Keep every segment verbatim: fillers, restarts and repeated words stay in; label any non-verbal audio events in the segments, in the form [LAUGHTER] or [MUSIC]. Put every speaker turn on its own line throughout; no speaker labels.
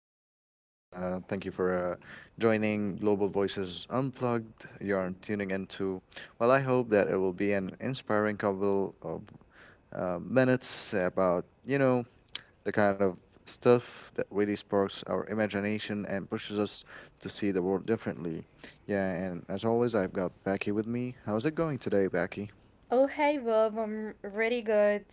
Bob. Uh, thank you for uh, joining Global Voices Unplugged. You're tuning into. Well, I hope that it will be an inspiring couple of uh, minutes about you know the kind of stuff that really sparks our imagination and pushes us to see the world differently. Yeah, and as always, I've got Becky with me. How's it going today, Becky?
Oh, hey, Bob. I'm really good.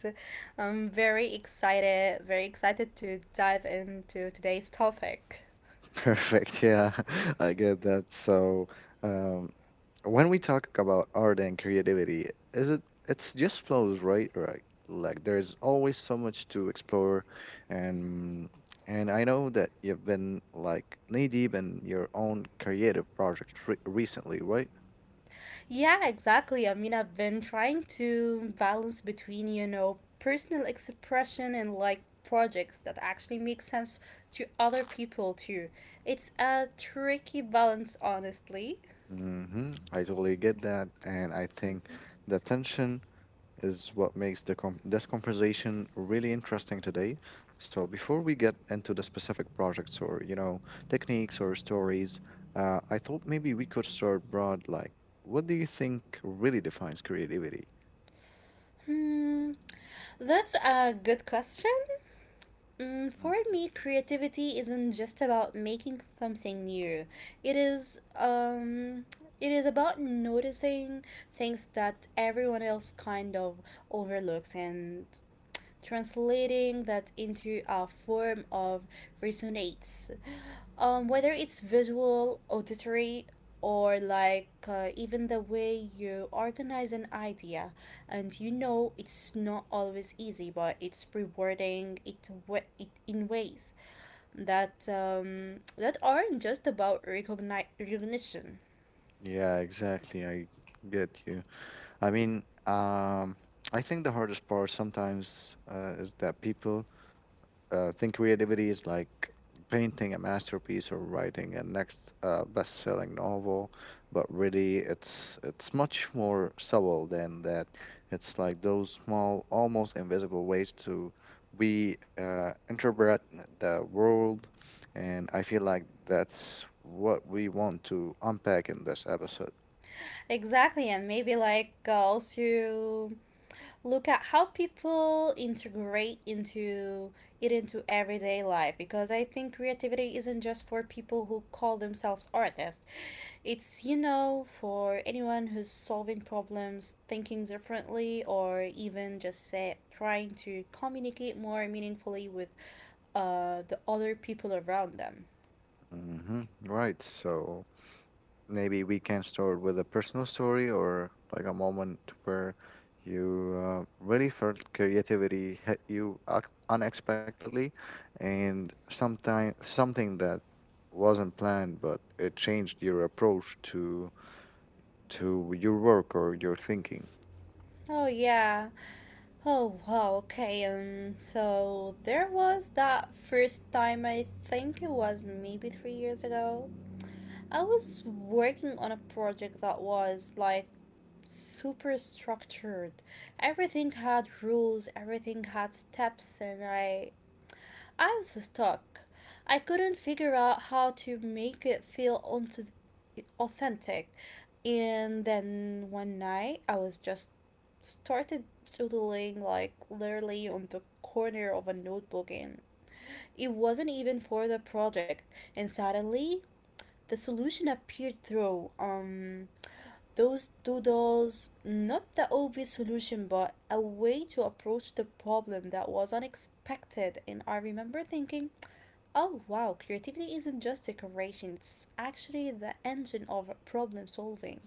I'm very excited, very excited to dive into today's topic.
[LAUGHS] Perfect. Yeah, [LAUGHS] I get that. So. Um, when we talk about art and creativity, is it it's just flows, right? Right. Like there's always so much to explore and and I know that you've been like knee deep in your own creative project re- recently, right?
Yeah, exactly. I mean, I've been trying to balance between, you know, personal expression and like projects that actually make sense to other people too. It's a tricky balance, honestly.
Mm-hmm. I totally get that, and I think
Hmm,
the tension is what makes the com- this conversation really interesting today. So before we get into the specific projects or you know techniques or stories, uh, I thought maybe we could start broad. Like, what do you think really defines creativity?
Hmm. That's a good question. Mm, for
Mhm.
me, creativity isn't just about making something new. It is um it is about noticing things that everyone else kind of overlooks and translating that into a form of resonates, um, whether it's visual, auditory, or like uh, even the way you organize an idea. And you know it's not always easy, but it's rewarding. It, wa- it in ways that um, that aren't just about recogni- recognition.
Yeah, exactly. I get you. I mean, um, I think the hardest part sometimes uh, is that people Uh, think creativity is like painting a masterpiece or writing a next uh, best-selling novel, but really it's it's much more subtle than that. It's like those small, almost invisible ways to we uh, interpret the world, and I feel like that's what we want to unpack in this episode.
Exactly, and maybe like uh, also look at how people integrate into it into everyday life, because I think creativity isn't just for people who call themselves artists. It's, you know, for anyone who's solving problems, thinking differently, or even just say trying to communicate more meaningfully with uh, the other people around them.
Hmm. Right. So, maybe we can start with a personal story or like a moment where you uh, really felt creativity hit you ac- unexpectedly, and sometime something that wasn't planned but it changed your approach to to your work or your thinking.
Oh yeah. Oh wow, okay. Um, so there was that first time, I think it was maybe three years ago. I was working on a project that was like super structured. Everything had rules, everything had steps, and I I was stuck. I couldn't figure out how to make it feel onth- authentic. And then one night, I was just started doodling, like literally on the corner of a notebook, and it wasn't even for the project. And suddenly the solution appeared through um those doodles, not the obvious solution but a way to approach the problem that was unexpected. And I remember thinking, oh wow, creativity isn't just decoration, it's actually the engine of problem solving.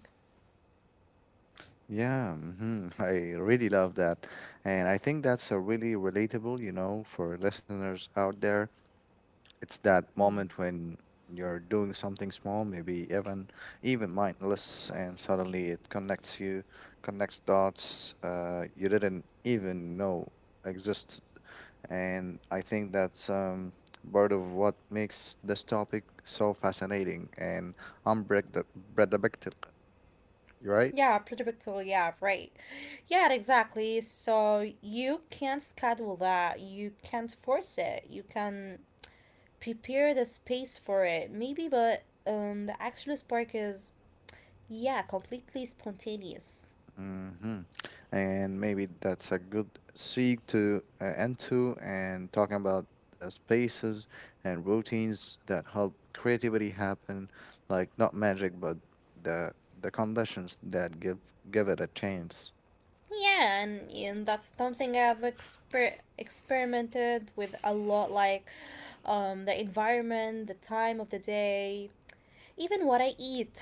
Yeah. Hmm. [LAUGHS] I really love that. And I think that's a really relatable, you know, for listeners out there. It's that
Hmm.
moment when you're doing something small, maybe even even mindless, and suddenly it connects you, connects dots uh, you didn't even know exist. And I think that's um, part of what makes this topic so fascinating and unpredictable, right?
Yeah, pretty predictable, yeah, right. Yeah, exactly. So you can't schedule that, you can't force it, you can prepare the space for it, maybe, but um, the actual spark is, yeah, completely spontaneous.
Hmm. And maybe that's a good segue to uh, end to and talking about the spaces and routines that help creativity happen, like not magic, but the the conditions that give give it a chance.
Yeah, and, and that's something I've exper- experimented with a lot, like um, the environment, the time of the day, even what I eat. [LAUGHS]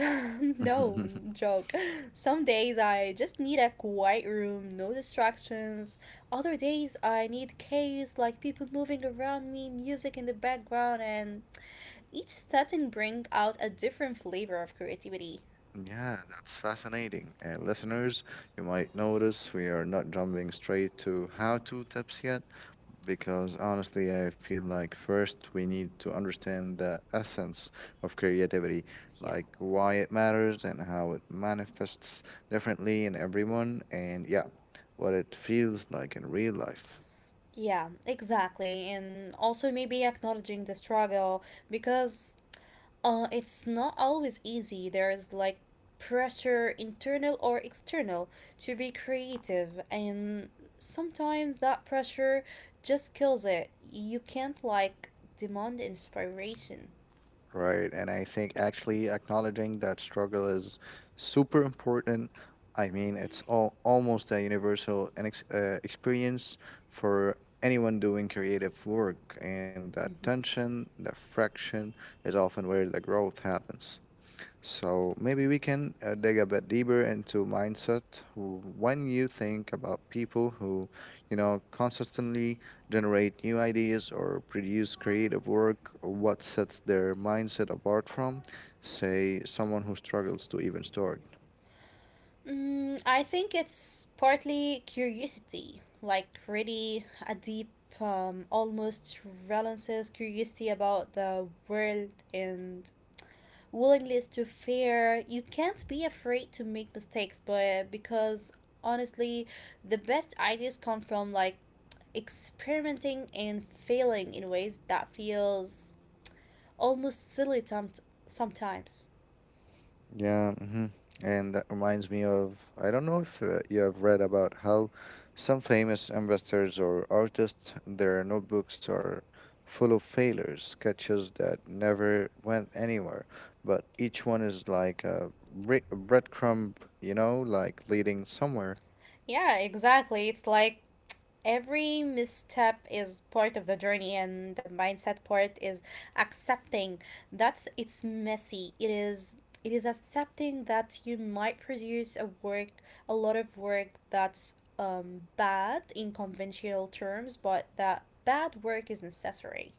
No
[LAUGHS]
joke. Some days I just need a quiet room, no distractions. Other days I need chaos, like people moving around me, music in the background, and each setting bring out a different flavor of creativity.
Yeah, that's fascinating. And listeners, you might notice we are not jumping straight to how-to tips yet, because honestly, I feel like first we need to understand the essence of creativity,
Yeah.
like why it matters and how it manifests differently in everyone, and yeah, what it feels like in real life.
Yeah, exactly. And also maybe acknowledging the struggle because uh, it's not always easy. There is like pressure, internal or external, to be creative. And sometimes that pressure just kills it. You can't like demand inspiration.
Right. And I think actually acknowledging that struggle is super important. I mean, it's all, almost a universal an ex- uh, experience for anyone doing creative work, and that
Mm-hmm.
tension, that friction, is often where the growth happens. So maybe we can uh, dig a bit deeper into mindset. W- When you think about people who, you know, consistently generate new ideas or produce creative work, what sets their mindset apart from, say, someone who struggles to even start?
Mm, I think it's partly curiosity, like really a deep, um, almost relentless curiosity about the world and willingness to fear. You can't be afraid to make mistakes, but because honestly, the best ideas come from like experimenting and failing in ways that feels almost silly some sometimes.
Yeah. Hmm. And that reminds me of, I don't know if uh, you have read about how some famous investors or artists, their notebooks are full of failures, sketches that never went anywhere, but each one is like a bre- breadcrumb, you know, like leading somewhere.
Yeah, exactly. It's like every misstep is part of the journey, and the mindset part is accepting that's it's messy. It is it is accepting that you might produce a work a lot of work that's um bad in conventional terms, but that bad work is necessary.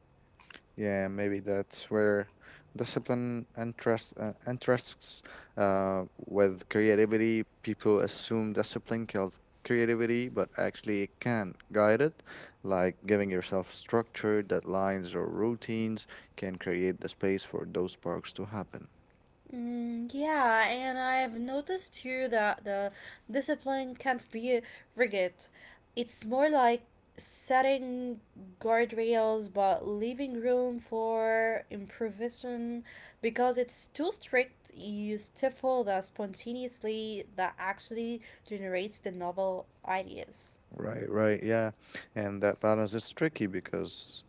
Yeah, maybe that's where discipline interests uh, interests uh, with creativity. People assume discipline kills creativity, but actually it can guide it. Like giving yourself structure, deadlines, or routines can create the space for those sparks to happen.
Mm, yeah, and I've noticed too that the discipline can't be rigid. It's more like setting guardrails but leaving room for improvisation, because it's too strict, you stifle the spontaneously that actually generates the novel ideas.
Right, right, yeah. And that balance is tricky because,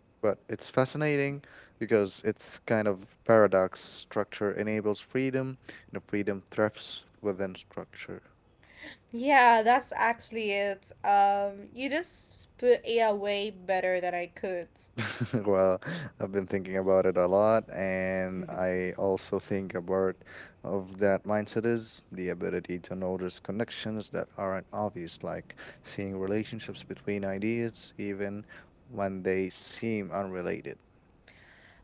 but it's fascinating because it's kind of paradox. Structure enables freedom, and freedom thrives within structure.
Yeah, that's actually it. Um, you just put it away better than I could.
[LAUGHS] Well, I've been thinking about it a lot, and I
[LAUGHS]
also think about of that mindset is the ability to notice connections that aren't obvious, like seeing relationships between ideas, even when they seem unrelated.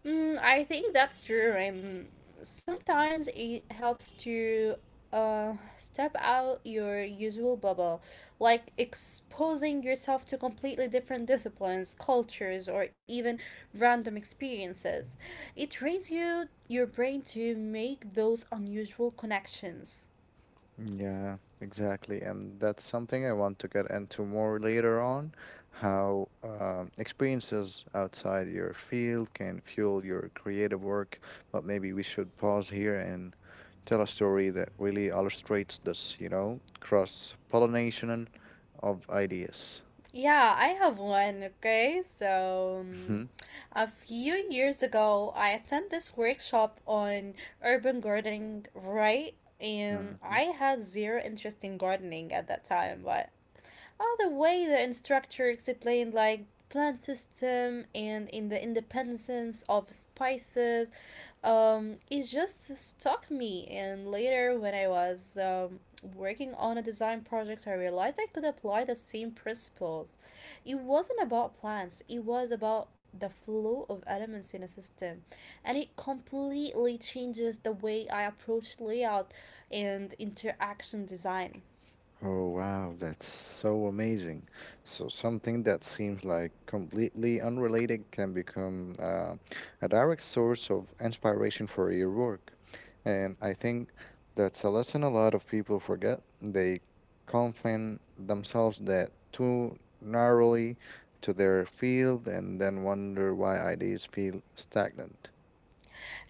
Mm, I think that's true, and sometimes it helps to uh, step out your usual bubble, like exposing yourself to completely different disciplines, cultures, or even random experiences. It trains you your brain to make those unusual connections.
Yeah, exactly. And that's something I want to get into more later on, how um, experiences outside your field can fuel your creative work. But maybe we should pause here and tell a story that really illustrates this, you know, cross pollination of ideas.
Yeah, I have one, okay? So, um, a few years ago, I attended this workshop on urban gardening, right? And
Mhm.
I had zero interest in gardening at that time, but oh, the way the instructor explained like plant system and in the independence of spices, um, it just stuck me. And later, when I was um, working on a design project, I realized I could apply the same principles. It wasn't about plants; it was about the flow of elements in a system, and it completely changes the way I approach layout and interaction design.
Oh wow, that's so amazing. So something that seems like completely unrelated can become uh, a direct source of inspiration for your work. And I think that's a lesson a lot of people forget. They confine themselves that too narrowly to their field and then wonder why ideas feel stagnant.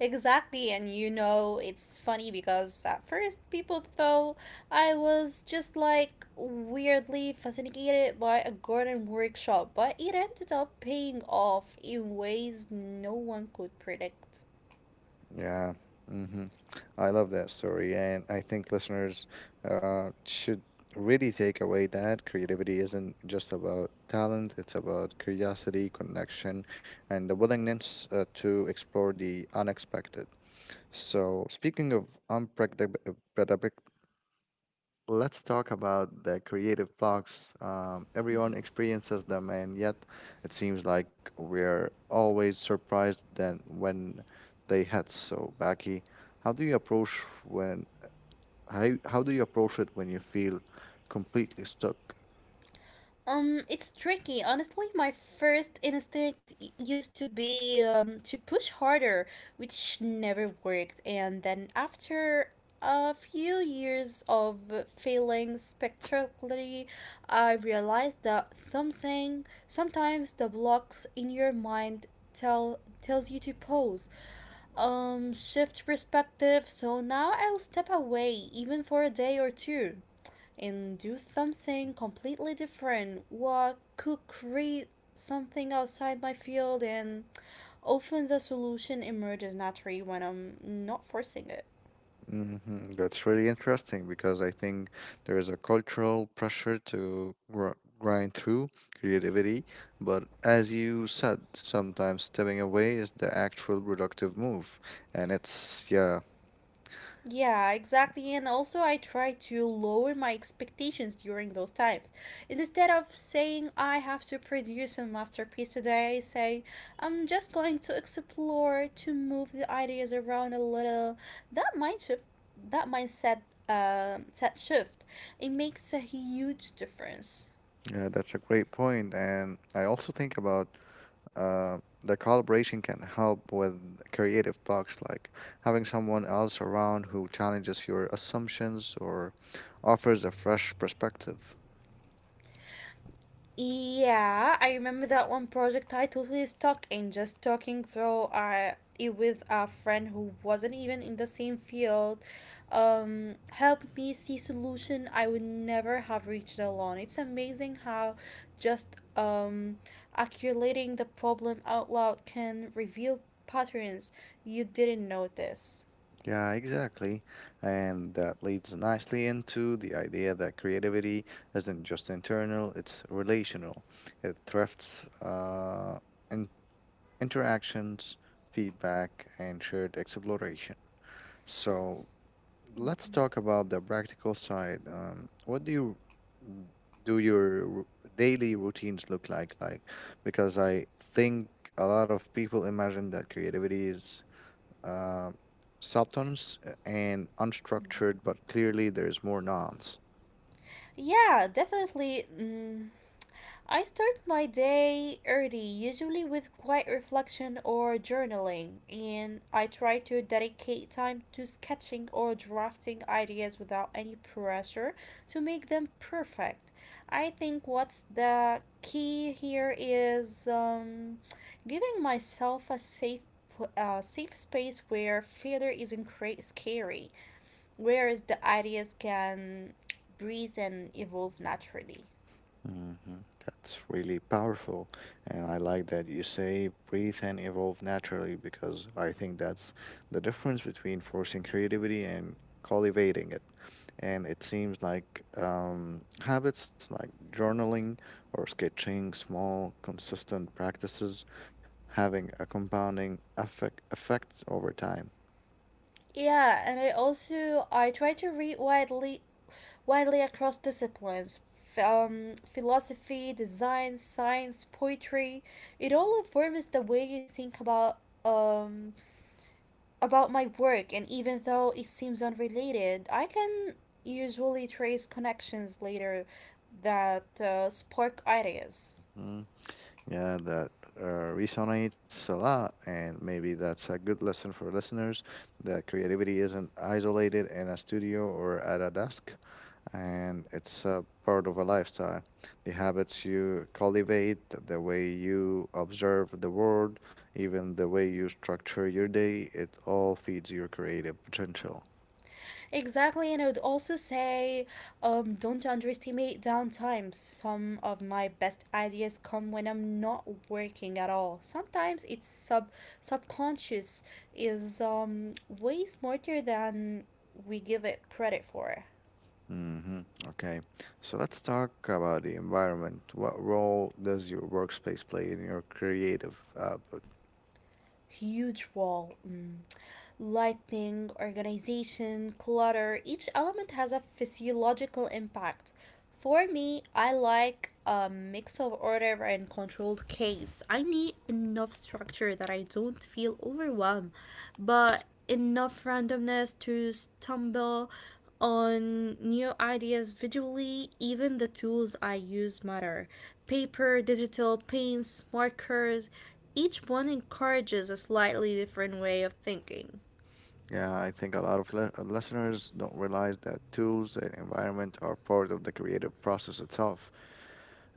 Exactly, and you know, it's funny because at first people thought I was just like weirdly fascinated by a garden workshop, but it ended up paying off in ways no one could predict.
Yeah. Hmm. I love that story. And I think listeners uh, should really take away that creativity isn't just about talent, it's about curiosity, connection, and the willingness uh, to explore the unexpected. So, speaking of unpredictability, let's talk about the creative blocks. Um, everyone experiences them, and yet it seems like we're always surprised then when they hit. So, Becky, how do you approach when how, how do you approach it when you feel completely stuck?
Um, it's tricky. Honestly, my first instinct y- used to be um, to push harder, which never worked. And then after a few years of failing spectacularly, I realized that something sometimes the blocks in your mind tell tells you to pause, um shift perspective. So now I'll step away even for a day or two and do something completely different, what could create something outside my field. And often the solution emerges naturally when I'm not forcing it.
Hmm. That's really interesting because I think there is a cultural pressure to gr grind through creativity, but as you said, sometimes stepping away is the actual productive move, and it's yeah,
Yeah, exactly. And also, I try to lower my expectations during those times. And instead of saying I have to produce a masterpiece today, I say I'm just going to explore to move the ideas around a little. That mind shift, that mindset, um, set shift, it makes a huge difference.
yeah, that's a great point. And I also think about Uh, the collaboration can help with creative blocks, like having someone else around who challenges your assumptions or offers a fresh perspective.
Yeah, I remember that one project I totally stuck in just talking through uh, it with a friend who wasn't even in the same field. Um, helped me see solution I would never have reached alone. It's amazing how just um, articulating the problem out loud can reveal patterns you didn't notice.
Yeah, exactly. And that leads nicely into the idea that creativity isn't just internal, it's relational. It thrifts uh, in- interactions, feedback, and shared exploration. So, let's talk about the practical side. Um, what do you mm, do your r- daily routines look like? Like, because I think a lot of people imagine that creativity is uh, substance and unstructured, but clearly there's more nuance.
Yeah, definitely. mm, I start my day early, usually with quiet reflection or journaling, and I try to dedicate time to sketching or drafting ideas without any pressure to make them perfect. I think what's the key here is um, giving myself a safe pl- uh, safe space where failure isn't cra- scary, whereas the ideas can breathe and evolve naturally.
Hmm. That's really powerful. And I like that you say breathe and evolve naturally because I think that's the difference between forcing creativity and cultivating it. And it seems like um, habits like journaling or sketching, small, consistent practices, having a compounding effect, effect over time.
Yeah, and I also I try to read widely widely across disciplines. F- Um, philosophy, design, science, poetry. It all informs the way you think about um about my work, and even though it seems unrelated, I can usually trace connections later that uh, spark ideas.
Hmm. Yeah, that uh, resonates a lot, and maybe that's a good lesson for listeners that creativity isn't isolated in a studio or at a desk, and it's a part of a lifestyle. The habits you cultivate, the way you observe the world, even the way you structure your day, it all feeds your creative potential.
Exactly, and I would also say um, don't underestimate downtime. Some of my best ideas come when I'm not working at all. Sometimes it's sub subconscious is um, way smarter than we give it credit for.
Hmm. Okay, so let's talk about the environment. What role does your workspace play in your creative output?
Huge wall. Mm. Lightning, organization, clutter, each element has a physiological impact. For me, I like a mix of order and controlled chaos. I need enough structure that I don't feel overwhelmed, but enough randomness to stumble on new ideas visually. Even the tools I use matter, paper, digital, paints, markers. Each one encourages a slightly different way of thinking.
Yeah, I think a lot of le- uh, listeners don't realize that tools and environment are part of the creative process itself.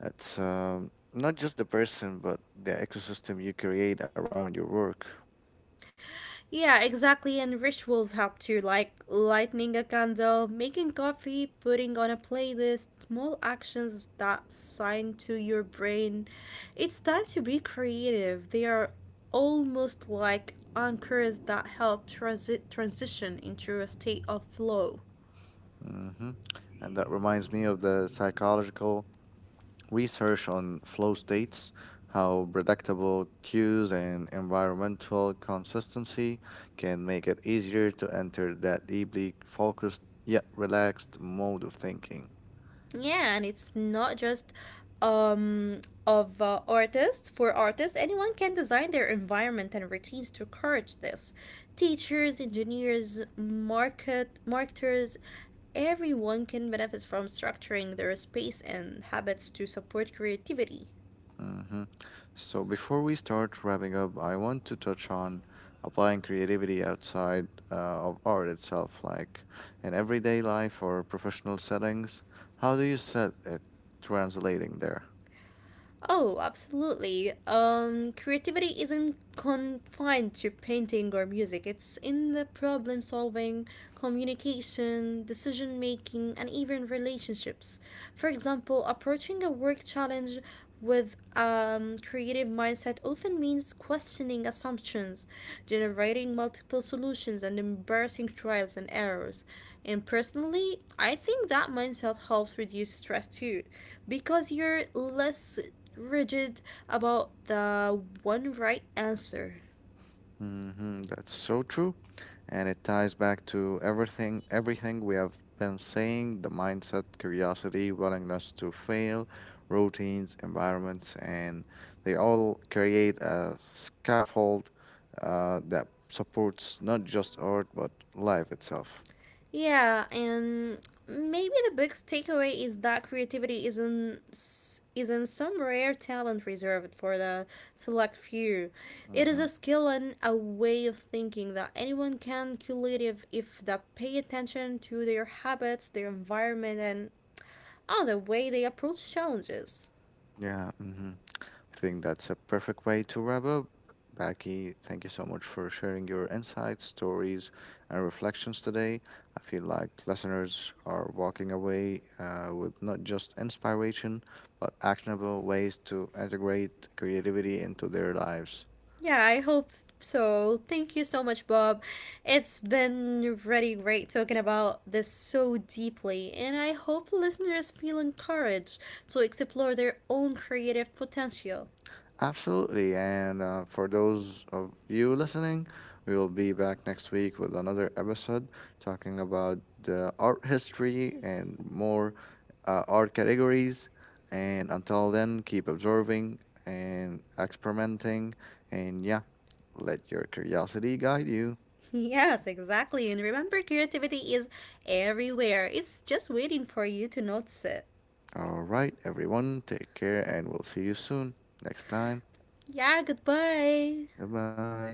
It's um, not just the person, but the ecosystem you create around your work.
Yeah, exactly. And rituals help too, like lighting a candle, making coffee, putting on a playlist, small actions that sign to your brain. It's time to be creative. They are almost like anchors that help transi- transition into a state of flow.
Hmm. And that reminds me of the psychological research on flow states, how predictable cues and environmental consistency can make it easier to enter that deeply focused yet relaxed mode of thinking.
Yeah, and it's not just um, of uh, artists. For artists, anyone can design their environment and routines to encourage this. Teachers, engineers, market marketers, everyone can benefit from structuring their space and habits to support creativity.
Hmm. So, before we start wrapping up, I want to touch on applying creativity outside uh, of art itself, like in everyday life or professional settings. How do you set it translating there?
Oh, absolutely. Um, creativity isn't confined to painting or music. It's in the problem solving, communication, decision making, and even relationships. For example, approaching a work challenge with um, creative mindset often means questioning assumptions, generating multiple solutions, and embracing trials and errors. And personally, I think that mindset helps reduce stress too, because you're less rigid about the one right answer.
Hmm. That's so true. And it ties back to everything everything we have been saying, the mindset, curiosity, willingness to fail, routines, environments, and they all create a scaffold uh, that supports not just art but life itself.
Yeah, and maybe the biggest takeaway is that creativity isn't s- isn't some rare talent reserved for the select few. It is a
Hmm.
skill and a way of thinking that anyone can cultivate if, if they pay attention to their habits, their environment, and on the way they approach challenges.
Yeah. Hmm. I think that's a perfect way to wrap up. Becky, thank you so much for sharing your insights, stories, and reflections today. I feel like listeners are walking away uh, with not just inspiration, but actionable ways to integrate creativity into their lives.
Yeah, I hope so. Thank you so much, Bob. It's been really great talking about this so deeply, and I hope listeners feel encouraged to explore their own creative potential. [LAUGHS]
Absolutely. And uh, for those of you listening, we will be back next week with another episode talking about the art history and more uh, art categories. And until then, keep observing and experimenting. And yeah, let your curiosity guide you.
Yes, exactly. And remember, creativity is everywhere, it's just waiting for you to notice it.
All right, everyone, take care and we'll see you soon. Next time.
Yeah, goodbye.
Goodbye.